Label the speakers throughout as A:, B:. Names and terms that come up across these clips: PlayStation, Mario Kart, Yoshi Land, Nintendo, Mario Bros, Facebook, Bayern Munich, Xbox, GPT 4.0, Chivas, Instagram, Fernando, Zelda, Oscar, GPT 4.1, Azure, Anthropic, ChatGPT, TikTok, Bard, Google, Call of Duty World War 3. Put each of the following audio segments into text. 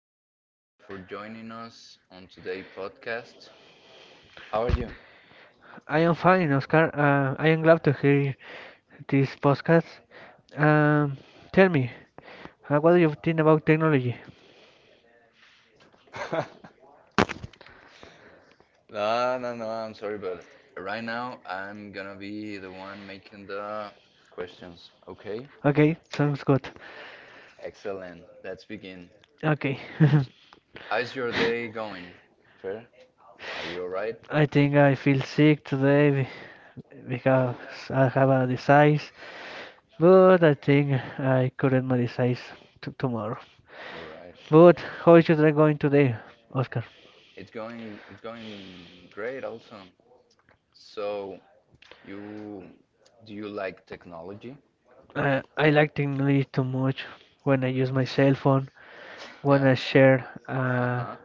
A: Fernando, for joining us on today's podcast. How are you?
B: I am fine, Oscar. I am glad to hear this podcast. Um, Tell me, what do you think about technology?
A: No, no, no, I'm sorry, but right now I'm gonna be the one making the questions, okay?
B: Okay, sounds good.
A: Excellent, let's begin.
B: Okay,
A: How's your day going? Fair? Are you alright?
B: I think I feel sick today because I have a disease, but I think I couldn't my disease t tomorrow.
A: Alright.
B: But how is your day going today, Oscar?
A: It's going great also. So, you do you like technology?
B: I like technology too much when I use my cell phone, when
A: Yeah.
B: I share
A: Uh-huh.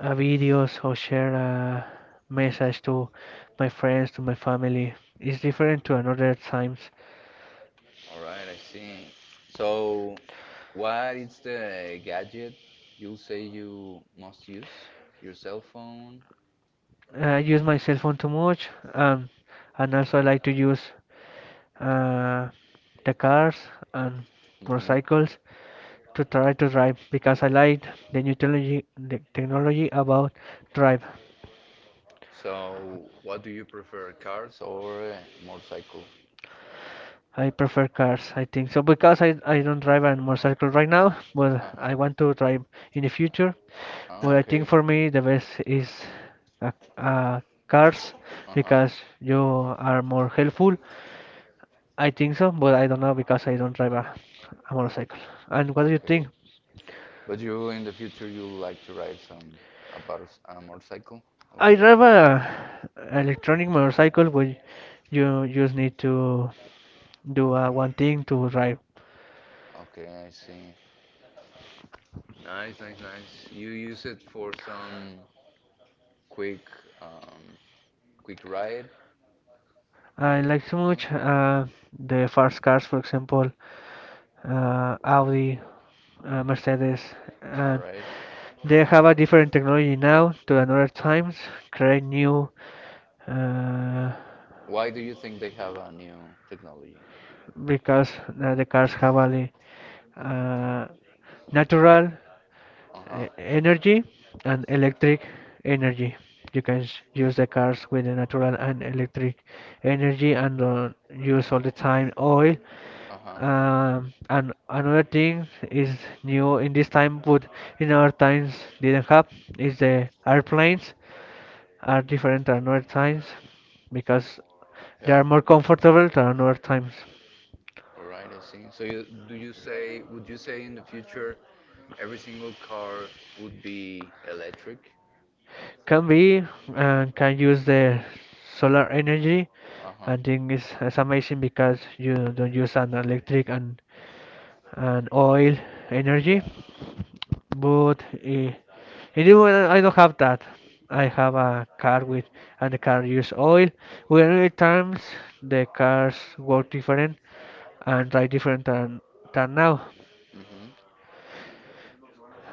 B: a videos or share a message to my friends, to my family. It's different to another times.
A: All right, I see. So, what is the gadget you say you must use? Your cell phone?
B: I use my cell phone too much, um, and also I like to use uh, the cars and
A: Hmm.
B: motorcycles to try to drive because I like the new technology, the technology about drive.
A: So, what do you prefer, cars or motorcycle?
B: I prefer cars, I think so, because I don't drive a motorcycle right now, but
A: Uh-huh.
B: I want to drive in the future.
A: Ah,
B: But I think
A: okay.
B: for me the best is uh, uh, cars
A: Uh-huh.
B: because you are more helpful. I think so, but I don't know because I don't drive a motorcycle. And what do you
A: Okay.
B: think?
A: But you, in the future, you like to ride some a, butter, a motorcycle?
B: I
A: Okay.
B: drive a electronic motorcycle, but you just need to do one thing to drive.
A: Okay, I see. Nice, nice, nice. You use it for some quick, um, quick ride?
B: I like so
A: Mm,
B: much the fast cars, for example. Audi, Mercedes,
A: all
B: and
A: right.
B: they have a different technology now to another times, create new uh,
A: Why do you think they have a new technology?
B: because the cars have a uh, natural
A: Uh-huh.
B: energy and electric energy. You can use the cars with the natural and electric energy and don't
A: Yeah.
B: use all the time oil.
A: Uh-huh.
B: And another thing is new in this time, but in our times didn't have is the airplanes are different than other times because they
A: Yeah.
B: are more comfortable than other times.
A: All right, I see. So do you say, would you say in the future every single car would be electric?
B: Can be and can use the solar energy.
A: Uh-huh.
B: I think it's amazing because you don't use an electric and oil energy.
A: Yeah.
B: But in the I don't have that. I have a car with and the car use oil. Where many times the cars work different and try different than now.
A: Mm-hmm.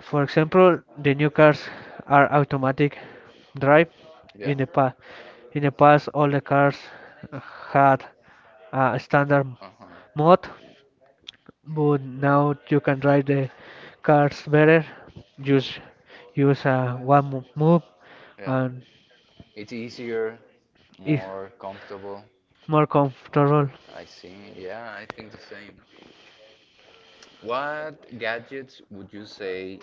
B: For example, the new cars are automatic drive.
A: Yeah.
B: In the past, in the past, all the cars had a standard
A: Uh-huh.
B: mode, but now you can drive the cars better. Just use one move,
A: Yeah.
B: and
A: It's easier,
B: it's
A: more comfortable.
B: more comfortable
A: I see. Yeah, I think the same. What gadgets would you say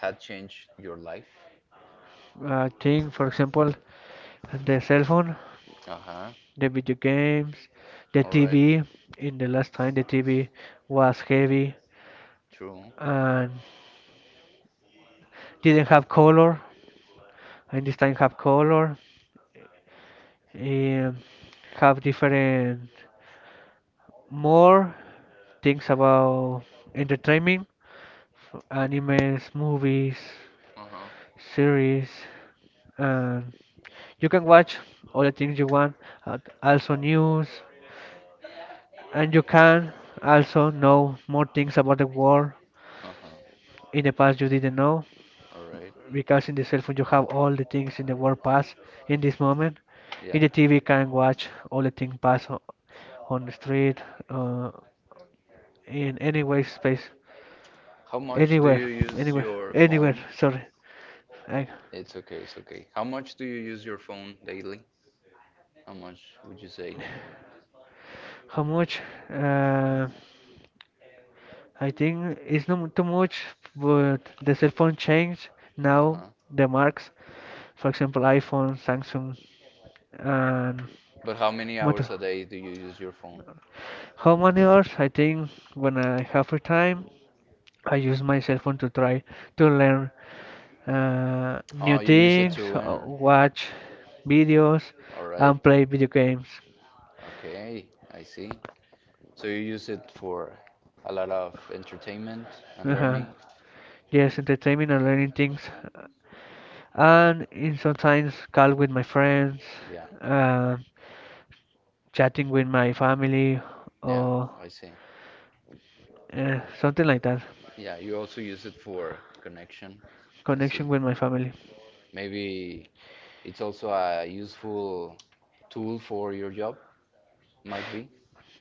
A: had changed your life?
B: thing. For example, the cell phone.
A: Uh-huh.
B: The video games, the
A: All right.
B: TV. In the last time, the TV was heavy
A: True.
B: and didn't have color. And this time, have color. Um, have different more things about entertainment, animes, movies,
A: Uh-huh.
B: series, and you can watch all the things you want. And also news, and you can also know more things about the world.
A: Uh-huh.
B: In the past, you didn't know
A: All right.
B: because in the cell phone you have all the things in the world pass in this moment.
A: Yeah.
B: In the TV, can watch all the things pass on the street, uh, in any way, space,
A: How much do
B: anywhere,
A: you use
B: anywhere,
A: your
B: anywhere.
A: phone?
B: Sorry, I,
A: It's okay, it's okay. How much do you use your phone daily? How much would you say?
B: how much? Uh, I think it's not too much, but the cell phone changed now
A: Uh-huh.
B: the marks. For example, iPhone, Samsung, and
A: But how many
B: Moto.
A: hours a day do you use your phone?
B: How many hours? I think when I have free time, I use my cell phone to try to learn new
A: Oh, you use it
B: things,
A: to learn.
B: watch videos,
A: All right.
B: and play video games.
A: Okay, I see. So you use it for a lot of entertainment and
B: Uh-huh.
A: learning?
B: Yes, entertainment and learning things, and in sometimes call with my friends,
A: Yeah,
B: uh, chatting with my family,
A: yeah,
B: or.
A: I see.
B: Something like that.
A: Yeah, you also use it for connection. I
B: Connection
A: see.
B: with my family.
A: Maybe it's also a useful tool for your job, might be.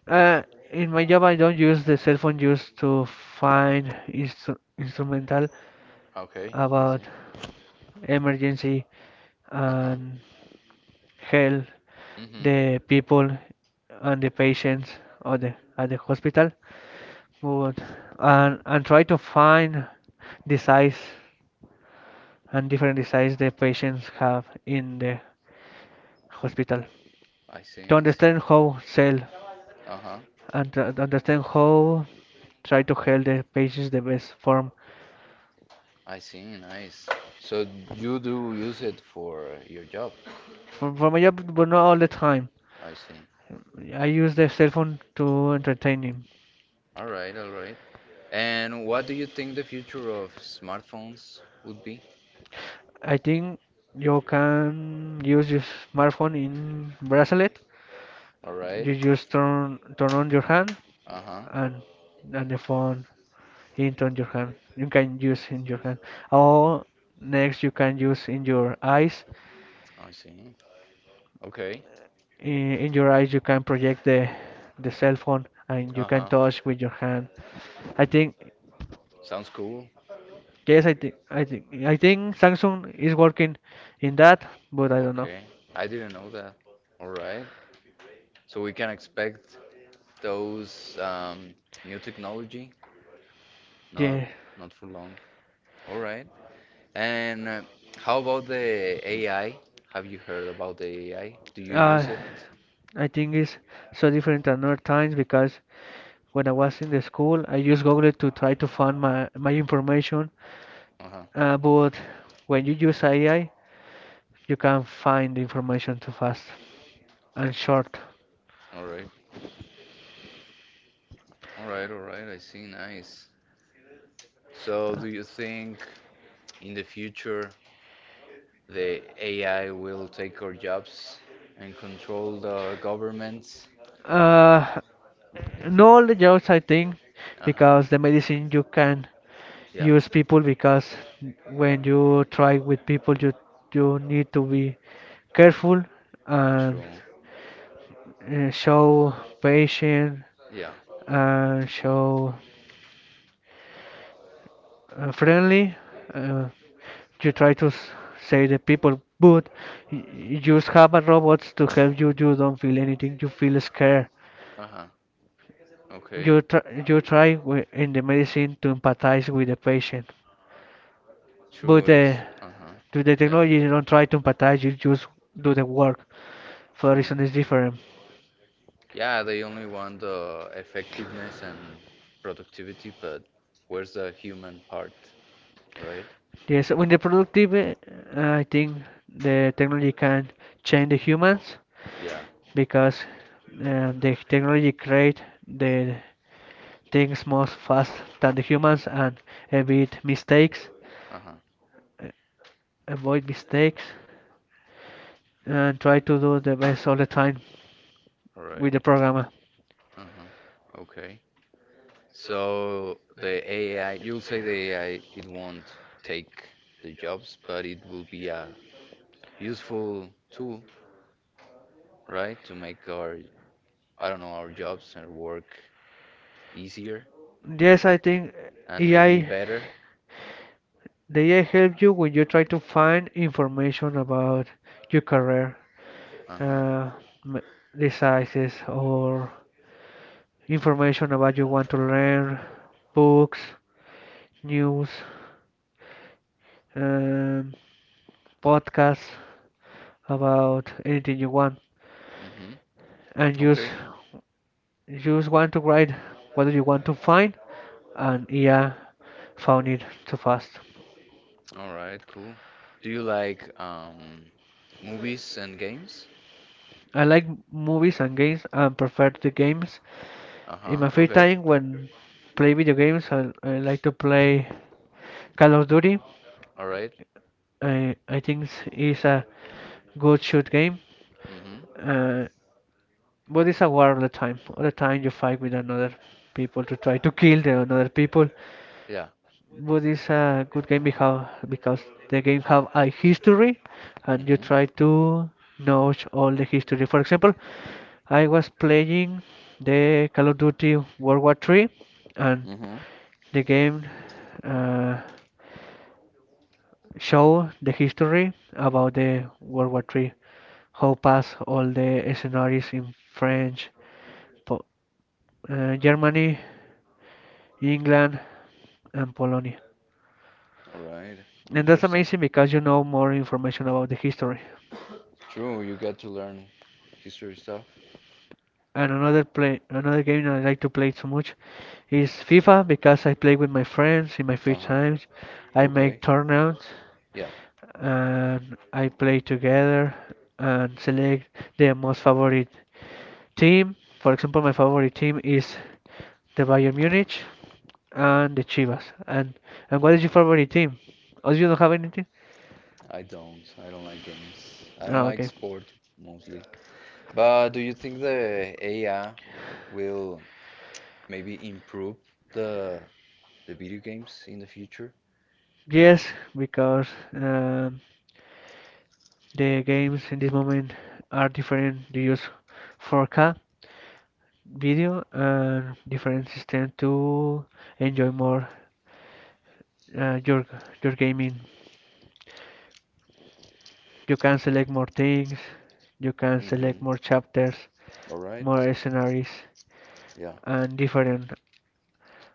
B: Uh, in my job, I don't use the cell phone just to find instrumental
A: Okay, I see.
B: about emergency
A: Huh.
B: and help
A: Mm-hmm.
B: the people and the patients or the, at the hospital. But, and try to find the size and different disease the patients have in the hospital
A: I see,
B: to
A: I see.
B: understand how sell
A: Uh-huh.
B: and to understand how try to help the patients the best form.
A: I see, nice. So you do use it for your job.
B: For my job, but not all the time.
A: I see.
B: I use the cell phone to entertain him.
A: All right, all right. And what do you think the future of smartphones would be?
B: I think you can use your smartphone in bracelet.
A: All right.
B: You just turn on your hand
A: Uh-huh.
B: and the phone into on your hand. You can use in your hand. Or next you can use in your eyes.
A: I see. Okay. And
B: In your eyes you can project the cell phone and you can
A: uh-huh.
B: touch with your hand. I think
A: Sounds cool.
B: yes, I think Samsung is working in that, but I don't know.
A: Okay. I didn't know that. All right. So we can expect those new technology. Not
B: Yeah.
A: not for long. All right. And how about the AI? Have you heard about the AI? Do you use
B: Uh,
A: it?
B: I think it's so different than other times because when I was in the school, I used Google to try to find my information.
A: Uh-huh.
B: But when you use AI, you can find the information too fast and short.
A: All right. All right, all right. I see. Nice. So, do you think in the future the AI will take our jobs and control the governments?
B: Uh, no, all the jobs I think
A: Uh-huh.
B: because the medicine you can
A: Yeah.
B: use people because when you try with people, you need to be careful and
A: True.
B: show patient
A: Yeah.
B: and show friendly. Uh, you try to save the people, but you just have a robots to help you. You don't feel anything. You feel scared.
A: Uh-huh. Okay.
B: You try in the medicine to empathize with the patient, but
A: True.
B: the
A: It's uh huh.
B: to the
A: Yeah.
B: technology you don't try to empathize. You just do the work. For
A: True.
B: reason is different.
A: Yeah, they only want the effectiveness and productivity, but where's the human part, right?
B: Yes, when they're productive, I think the technology can change the humans
A: Yeah.
B: because the technology create the things most fast than the humans and avoid mistakes,
A: Uh-huh.
B: uh, avoid mistakes, and try to do the best all the time
A: All
B: with
A: right.
B: the programmer.
A: Uh-huh. Okay. So the AI, you'll say the AI, it won't take the jobs, but it will be a useful tool, right, to make our, I don't know, our jobs and work easier
B: Yes, I think
A: and maybe
B: AI
A: better.
B: the AI help you when you try to find information about your career.
A: Uh-huh.
B: uh, m- Diseases or information about you want to learn, books, news, um, podcasts about anything you want, and
A: Mm-hmm. Okay.
B: just want to write what do you want to find, and yeah, found it too fast.
A: All right, cool. Do you like movies and games?
B: I like movies and games and prefer the games. In
A: Uh-huh.
B: my free time,
A: Okay.
B: when play video games, I like to play Call of Duty.
A: All right.
B: I think it's a good shoot game,
A: Mm-hmm.
B: uh, but it's a war all the time. All the time you fight with another people to try to kill the another people,
A: Yeah.
B: but it's a good game because the game have a history, and you
A: Mm-hmm.
B: try to know all the history. For example, I was playing the Call of Duty World War 3 and
A: Mm-hmm.
B: the game uh, show the history about the World War 3, how pass all the scenarios in French, po Germany, England, and Polonia.
A: All right.
B: And that's
A: Interesting.
B: amazing because you know more information about the history.
A: True, you get to learn history stuff.
B: And another play, another game that I like to play so much is FIFA because I play with my friends in my free times.
A: Uh-huh.
B: I
A: Okay.
B: make tournaments
A: Yeah.
B: and I play together and select the most favorite team. For example, my favorite team is the Bayern Munich and the Chivas. And what is your
A: Uh-huh.
B: favorite team? Oh, you don't have anything?
A: I don't. I don't like games. I don't
B: Oh,
A: like
B: okay.
A: sport mostly. But do you think the AI will maybe improve the the video games in the future?
B: Yes, because um, the games in this moment are different. You use 4K video and different system to enjoy more uh, your your gaming. You can select more things. You can select
A: Mm-hmm.
B: more chapters,
A: All right.
B: more scenarios,
A: Yeah.
B: and different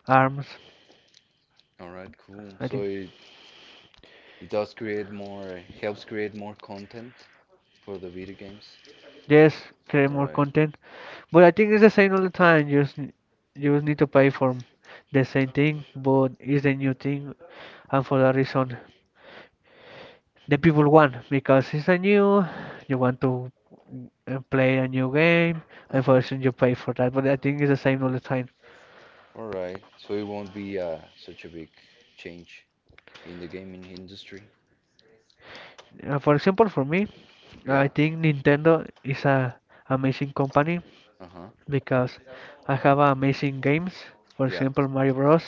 B: arms.
A: All right, cool.
B: I
A: So
B: think.
A: it does create more helps create more content for the video games.
B: Yes, create
A: All
B: more
A: right.
B: content. But I think it's the same all the time. You just you just need to pay for the same thing, but it's a new thing, and for that reason, the people want because it's a new. You want to play a new game, and for that reason you
A: Uh-huh.
B: pay for that. But I think it's the same all the time.
A: All right. So it won't be such a big change in the gaming industry.
B: For example, for me, I
A: Yeah.
B: think Nintendo is a amazing company
A: Uh huh.
B: because I have amazing games. For
A: Yeah.
B: example, Mario Bros,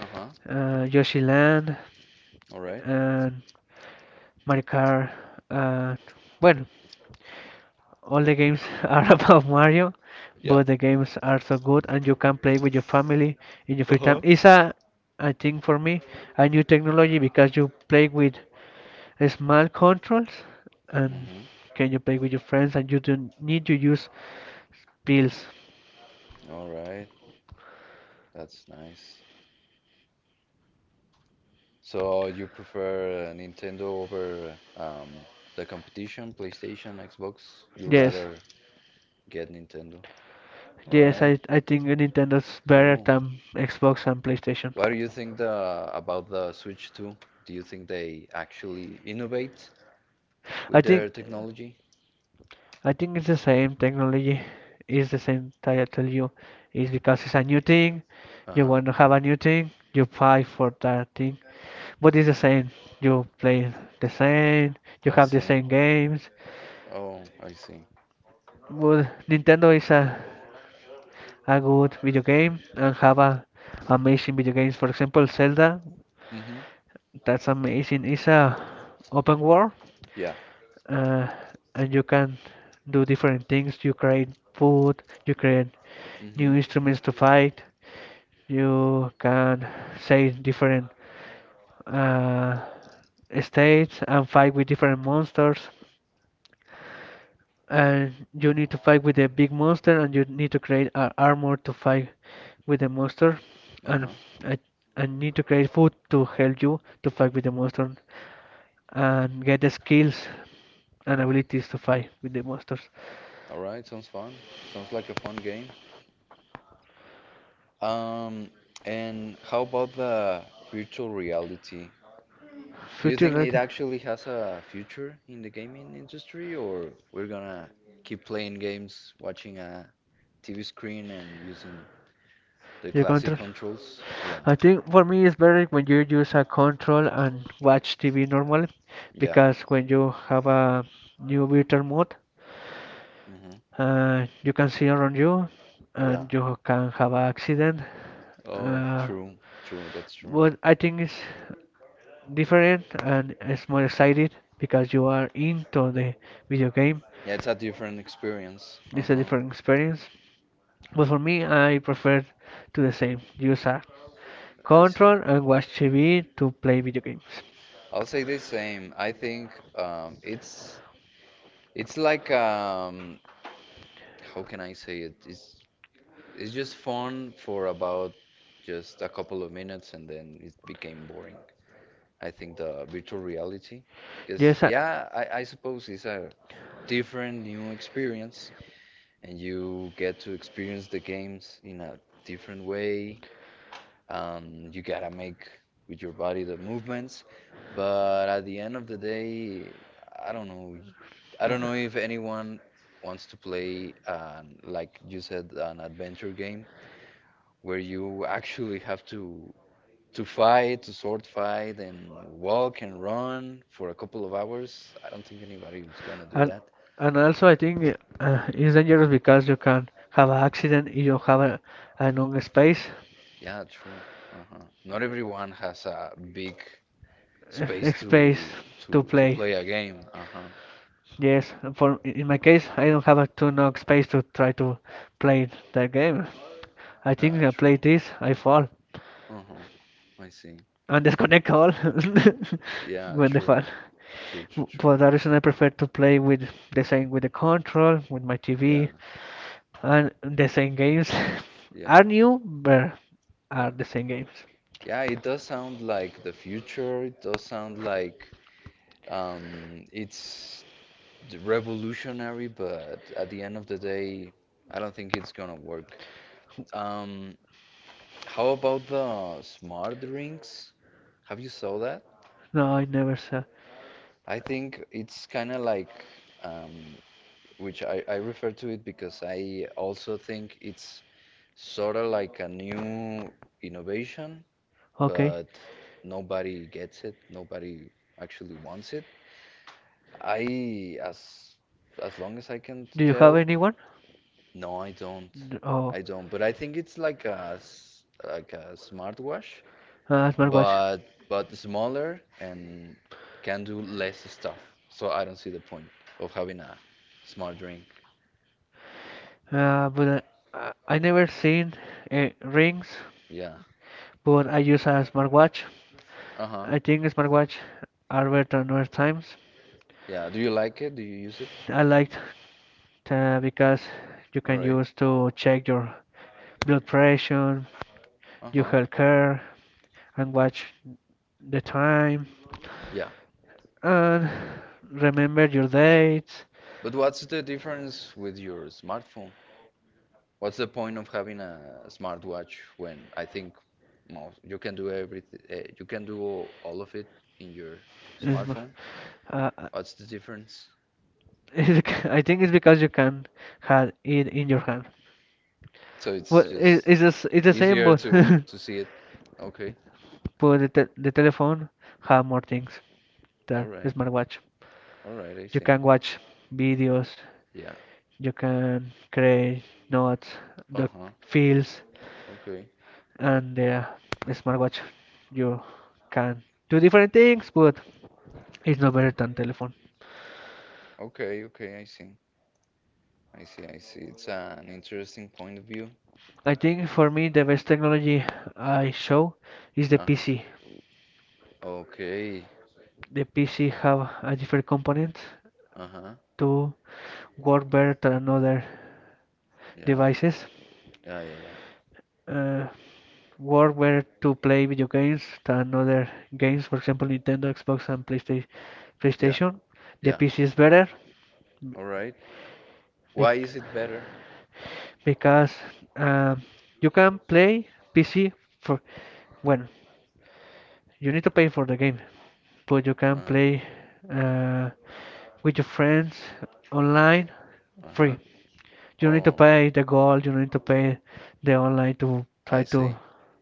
A: Uh huh.
B: Yoshi Land,
A: All right.
B: and Mario Kart. Uh, well, all the games are about Mario,
A: Yeah.
B: but the games are so good, and you can play with your family in your
A: Uh
B: free time.
A: huh.
B: I think for me, a new technology because you play with smart controls and
A: Mhm.
B: can you play with your friends and you don't need to use pills.
A: All right. That's nice. So you prefer Nintendo over the competition, PlayStation, Xbox? You
B: Yes.
A: rather get Nintendo. All
B: Yes,
A: right.
B: I think Nintendo's better
A: Cool.
B: than Xbox and PlayStation.
A: What do you think the about the Switch 2? Do you think they actually innovate
B: I
A: with
B: think
A: their technology?
B: I think it's the same. Technology is the same that I tell you. It's because it's a new thing. You
A: Uh-huh.
B: want to have a new thing. You fight for that thing. But it's the same. You play the same. You
A: I
B: have the
A: see.
B: same games.
A: Oh, I see.
B: But Nintendo is a good video game and have a amazing video games. For example, Zelda.
A: Mm-hmm.
B: That's amazing. It's a open world.
A: Yeah.
B: uh, and you can do different things. You create food, you create new
A: Mm-hmm.
B: instruments to fight, you can say different uh, states and fight with different monsters and you need to fight with a big monster and you need to create a armor to fight with the monster and
A: Uh-huh.
B: I, I need to create food to help you to fight with the monster and get the skills and abilities to fight with the monsters.
A: All right, sounds fun. Sounds like a fun game. Um, and how about the virtual reality? Do you
B: Future
A: think
B: right?
A: it actually has a future in the gaming industry, or we're gonna keep playing games, watching a TV screen and using the
B: Your
A: classic
B: control.
A: controls? Yeah,
B: I think for me it's better when you use a control and watch TV normally
A: yeah,
B: because when you have a new virtual mode,
A: hmm,
B: you can see around you
A: yeah.
B: and you can have an accident.
A: Oh,
B: Uh,
A: true, true, that's true.
B: but I think it's different and it's more excited because you are into the video game.
A: Yeah, it's a different experience.
B: It's a
A: Uh-huh,
B: different experience. But for me, I prefer to the same. Use a
A: I see.
B: control and watch TV to play video games.
A: I'll say the same. I think um, it's it's like how can I say it? It's just fun for about just a couple of minutes and then it became boring. I think the virtual reality. Because,
B: Yes,
A: yeah, I suppose it's a different new experience, and you get to experience the games in a different way. You gotta make with your body the movements, but at the end of the day, I don't know. I don't know if anyone wants to play, an, like you said, an adventure game where you actually have to fight, to sword fight, and walk and run for a couple of hours. I don't think anybody is gonna do
B: and
A: that.
B: and also I think it's dangerous because you can have an accident if you have a long space,
A: Yeah, true. Uh-huh. Not everyone has a big space
B: space to
A: to
B: play.
A: play a game. Uh-huh.
B: Yes, for in my case, I don't have a too enough space to try to play that game. I
A: Yeah,
B: think I
A: true.
B: play this, I fall
A: Uh-huh. I see.
B: and disconnect all
A: Yeah,
B: when they
A: true.
B: fall.
A: True, true,
B: For
A: true.
B: that reason, I prefer to play with the same with the control, with my
A: Yeah,
B: TV, and the same games
A: yeah,
B: are new, but
A: yeah.
B: are the same games.
A: Yeah, it does sound like the future. It does sound like um it's revolutionary, but at the end of the day, I don't think it's gonna work. Um, how about the smart drinks? Have you saw that?
B: No, I never saw.
A: I think it's kind of like, um, which I refer to it because I also think it's sort of like a new innovation,
B: Okay.
A: but nobody gets it. Nobody actually wants it. I, As long as I can
B: Do you have
A: tell,
B: anyone?
A: no, I don't.
B: Oh,
A: I don't. But I think it's like like a smartwatch,
B: I have a
A: but
B: smartwatch.
A: smaller and can do less stuff. So I don't see the point of having a smart drink.
B: But I never seen rings,
A: Yeah.
B: but I use a smartwatch.
A: Uh-huh.
B: I think smartwatch are better than other times.
A: Yeah. Do you
B: Yeah.
A: like it? Do you use it?
B: I liked because you
A: All
B: can
A: right.
B: use to check your blood pressure, your
A: Uh-huh.
B: health care, and watch the time
A: Yeah.
B: and remember your dates.
A: But what's the difference with your smartphone? What's the point of having a smartwatch when I think most, you can do everything, you can do all of it in your
B: It's mo-
A: smartphone?
B: uh, uh,
A: What's the difference?
B: I think it's because you can have it in your hand.
A: So it's
B: But
A: just
B: it's just it's the same,
A: easier
B: but
A: to see it. Okay.
B: but the telephone have more things
A: All
B: than the
A: right.
B: smartwatch.
A: All right, I
B: You
A: see.
B: can watch videos,
A: Yeah.
B: you can create notes, doc
A: Uh-huh.
B: fields,
A: Okay.
B: and the smartwatch. You can do different things, but it's no better than telephone.
A: Okay, okay, I see. I see, I see. It's an interesting point of view.
B: I think for me the best technology I show is the
A: Uh-huh.
B: PC.
A: Okay.
B: The PC have a different component
A: Uh-huh.
B: to work better than other
A: Yeah.
B: devices.
A: Yeah, yeah,
B: Uh, Work better to play video games than other games, for example, Nintendo, Xbox, and PlayStation.
A: yeah.
B: PlayStation. The
A: Yeah.
B: PC is
A: Yeah.
B: better
A: All right.
B: be-
A: Why is it better?
B: because um, you can play PC for when. You need to pay for the game, but you can
A: Uh-huh.
B: play uh, with your friends online free.
A: Uh-huh.
B: You don't need to
A: Oh,
B: pay the gold, you don't need to pay the online to try
A: I
B: to
A: see.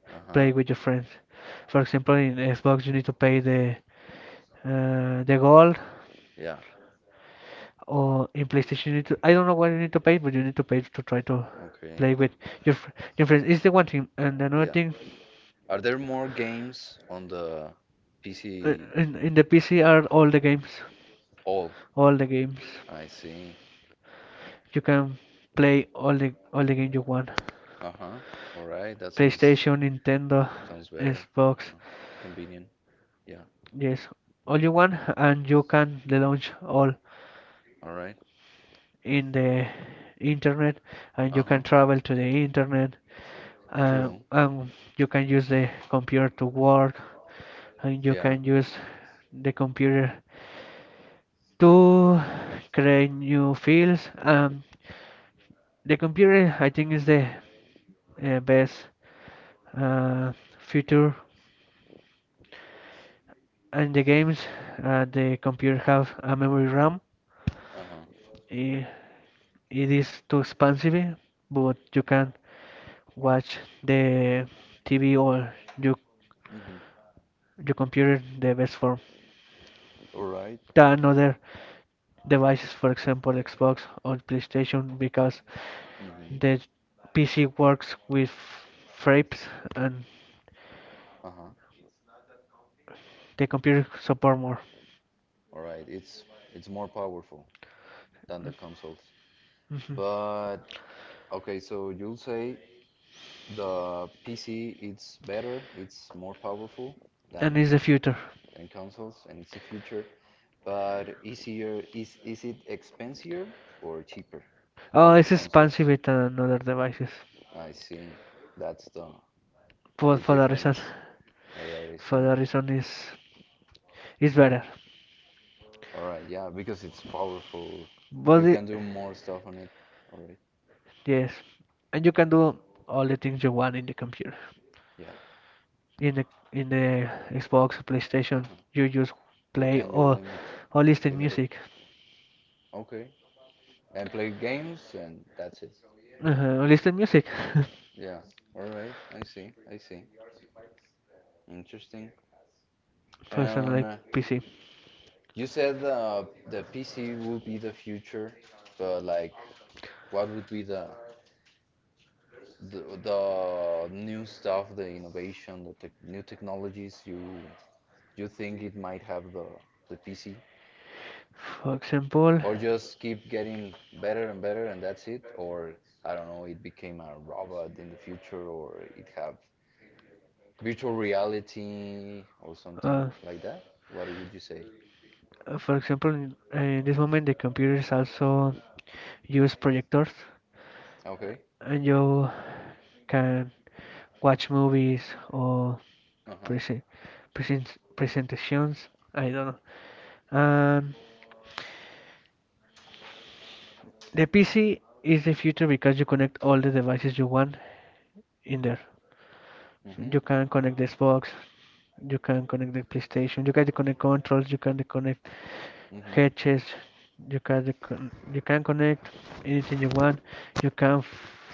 A: Uh-huh.
B: play with your friends. For example, in Xbox, you need to pay the gold,
A: Yeah.
B: or in PlayStation, you need to, I don't know what you need to pay, but you need to pay to try to
A: Okay.
B: play with your fr- your friends. It's the one thing, and another
A: Yeah.
B: thing.
A: Are there more games on the
B: Uh,
A: PC?
B: In, in the PC are
A: All
B: all the games,
A: all.
B: all the games.
A: I see.
B: You can play all the games you want.
A: Uh-huh. All right. That sounds,
B: PlayStation, Nintendo,
A: sounds better.
B: Xbox.
A: Uh-huh. It's convenient. Yeah.
B: Yes, all you want, and you can launch all
A: All right.
B: in the internet, and you
A: Uh-huh.
B: can travel to the internet,
A: True.
B: and you can use the computer to work, and you
A: Yeah.
B: can use the computer to create new fields. The computer, I think, is the best uh, feature and the games. The computer have a memory RAM.
A: Uh-huh.
B: I- it is too expensive, but you can watch the TV or
A: Mm-hmm.
B: your computer the best form
A: All right.
B: than other devices, for example, Xbox or PlayStation, because
A: Mm-hmm.
B: the PC works with frames and
A: Uh-huh.
B: the computer support more.
A: All right. It's more powerful than the consoles.
B: Mhm.
A: But okay, so you'll say the PC it's better, it's more powerful than
B: And is the future.
A: consoles, and it's the future. But easier is it expensier or cheaper
B: Oh,
A: than the
B: it's
A: consoles?
B: expensive with another devices
A: I see. That's
B: but
A: the difference. All right, I
B: for
A: see.
B: that reason is better
A: All right, yeah, because it's powerful.
B: but
A: You can
B: it,
A: do more stuff on it. All right,
B: yes and you can do all the things you want in the computer
A: yeah.
B: in the Xbox PlayStation you
A: Uh-huh.
B: just
A: You
B: play
A: can your limit,
B: or listen
A: limit it.
B: music
A: Okay, and play games, and that's it.
B: listen music. Yeah.
A: Yeah.
B: All
A: All right, I see. I see. Interesting.
B: for
A: And
B: PC.
A: you said the PC would be the future, but like, what would be the new stuff, the innovation, the tech new technologies you think it might have the PC,
B: For example,
A: or just keep getting better and better, and that's it? Or I don't know, it became a robot in the future, or it have virtual reality or something
B: Uh,
A: like that? What would you say?
B: for example, in this moment, the computers also use projectors,
A: Okay.
B: and you can watch movies or
A: Uh-huh.
B: presen present presentations. I don't know. The PC is the future because you connect all the devices you want in there. So
A: Mm-hmm.
B: you can connect the Xbox, you can connect the PlayStation, you can connect controls, you can connect
A: Mm-hmm.
B: hedges, you can con- you can connect anything you want, you can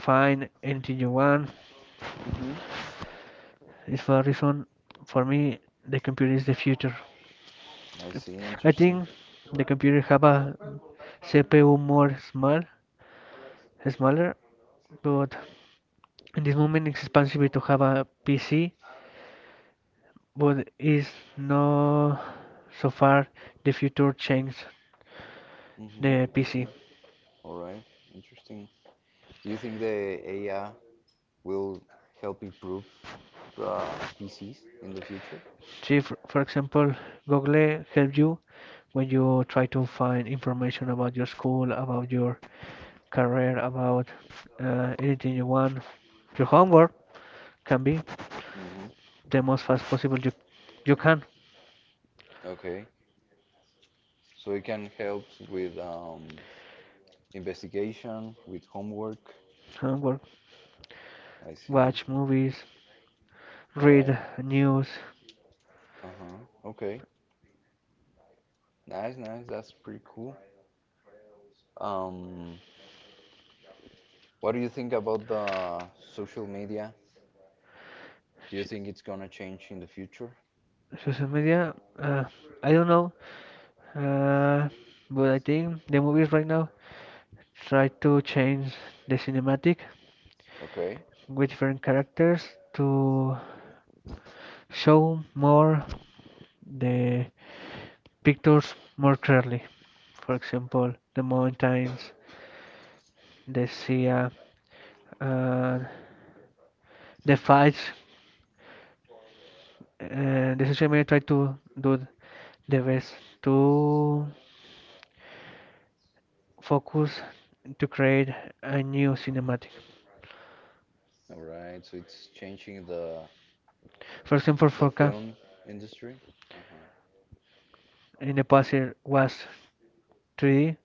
B: find anything you want.
A: Hmm.
B: It's for a reason for me the computer is the future.
A: I see.
B: I
A: Interesting.
B: think the computer have a CPU more small, smaller, but in this moment it's expensive to have a PC but is no so far the future change
A: Mm-hmm.
B: the
A: I see.
B: PC.
A: All right. Interesting. Do you think the AI will help improve the PCs in the future?
B: See, for example, Google help you when you try to find information about your school, about your career, about anything you want. Your homework can be
A: Hmm.
B: the most fast possible you you can
A: Okay, so it can help with investigation, with homework.
B: homework,
A: I see. All
B: watch movies,
A: right.
B: read news,
A: Uh-huh. Okay. Nice, nice. That's pretty cool. Um, what do you think about the social media? Do you think it's gonna change in the future?
B: social media. I don't know, uh, but I think the movies right now try to change the cinematic
A: Okay.
B: with different characters to show more the pictures more clearly. For example, the mountains, the sea, the fights. The social media tried to do the best to focus to create a new cinematic.
A: All right. So it's changing
B: For example,
A: the
B: Foca
A: film industry. Uh-huh.
B: in the past it was 3D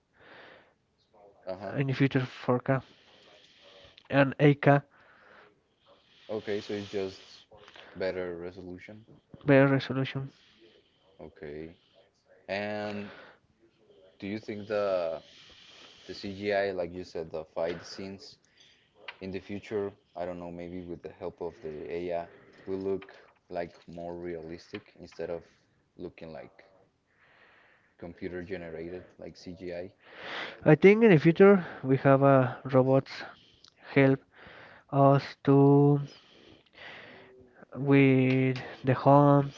A: Uh-huh.
B: in the future 4K and 8K
A: Okay, so it's just better resolution.
B: better resolution.
A: Okay. And do you think the CGI, like you said, the fight scenes in the future, I don't know, maybe with the help of the AI, will look like more realistic instead of looking like computer generated, like CGI?
B: I think in the future we have robots help us to with the home,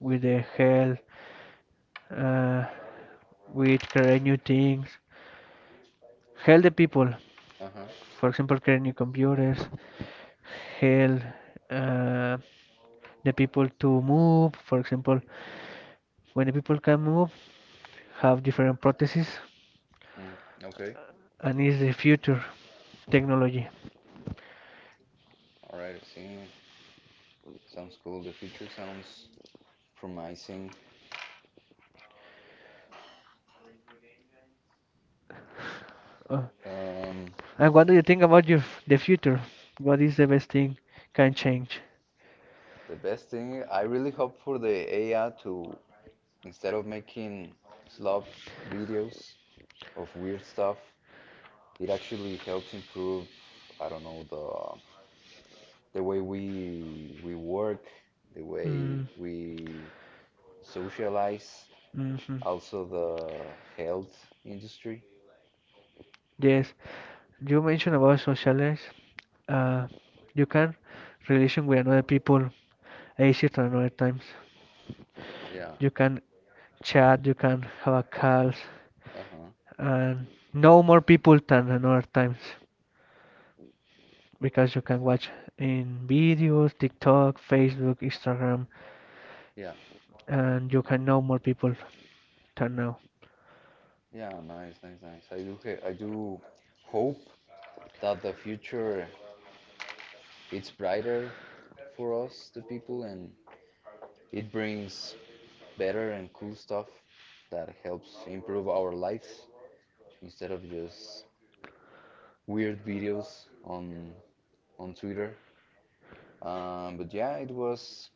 B: with the health, uh, with create new things, help the people.
A: Uh-huh.
B: For example, create new computers, help uh, the people to move. For example, when the people can move, have different prostheses
A: Mm, okay.
B: and is the future technology.
A: All right, I see. Sounds cool. The future sounds promising.
B: Uh,
A: Um,
B: and what do you think about the future? What is the best thing can change?
A: the best thing, I really hope for the AI to, instead of making slop videos of weird stuff, it actually helps improve, I don't know, the way we work, the way
B: Mm,
A: we socialize,
B: mhm.
A: also the health industry.
B: Yes, you mentioned about socialize. Uh, you can relation with another people easier than other times. Yeah.
A: Yeah.
B: You can chat, you can have a calls,
A: Uh-huh.
B: and know more people than another times because you can watch in videos, TikTok, Facebook, Instagram,
A: Yeah.
B: and you can know more people than now.
A: Yeah, nice, nice, nice. I do hope that the future it's brighter for us, the people, and it brings better and cool stuff that helps improve our lives instead of just weird videos on Twitter. But yeah, it was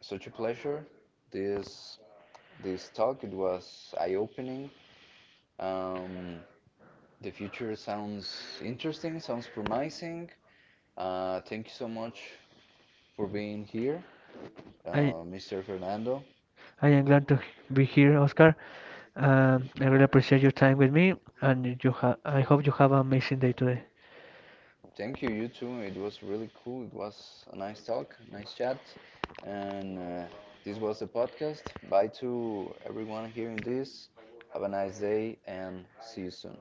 A: such a pleasure. This this talk it was eye-opening. Um, the future sounds interesting, sounds promising. Thank you so much for being here,
B: I
A: Mr. Fernando.
B: I am glad to be here, Oscar. I really appreciate your time with me, and you ha I hope you have an amazing day today.
A: Thank you, you too. It was really cool. It was a nice talk, nice chat. And this was the podcast. Bye to everyone hearing this. Have a nice day and see you soon.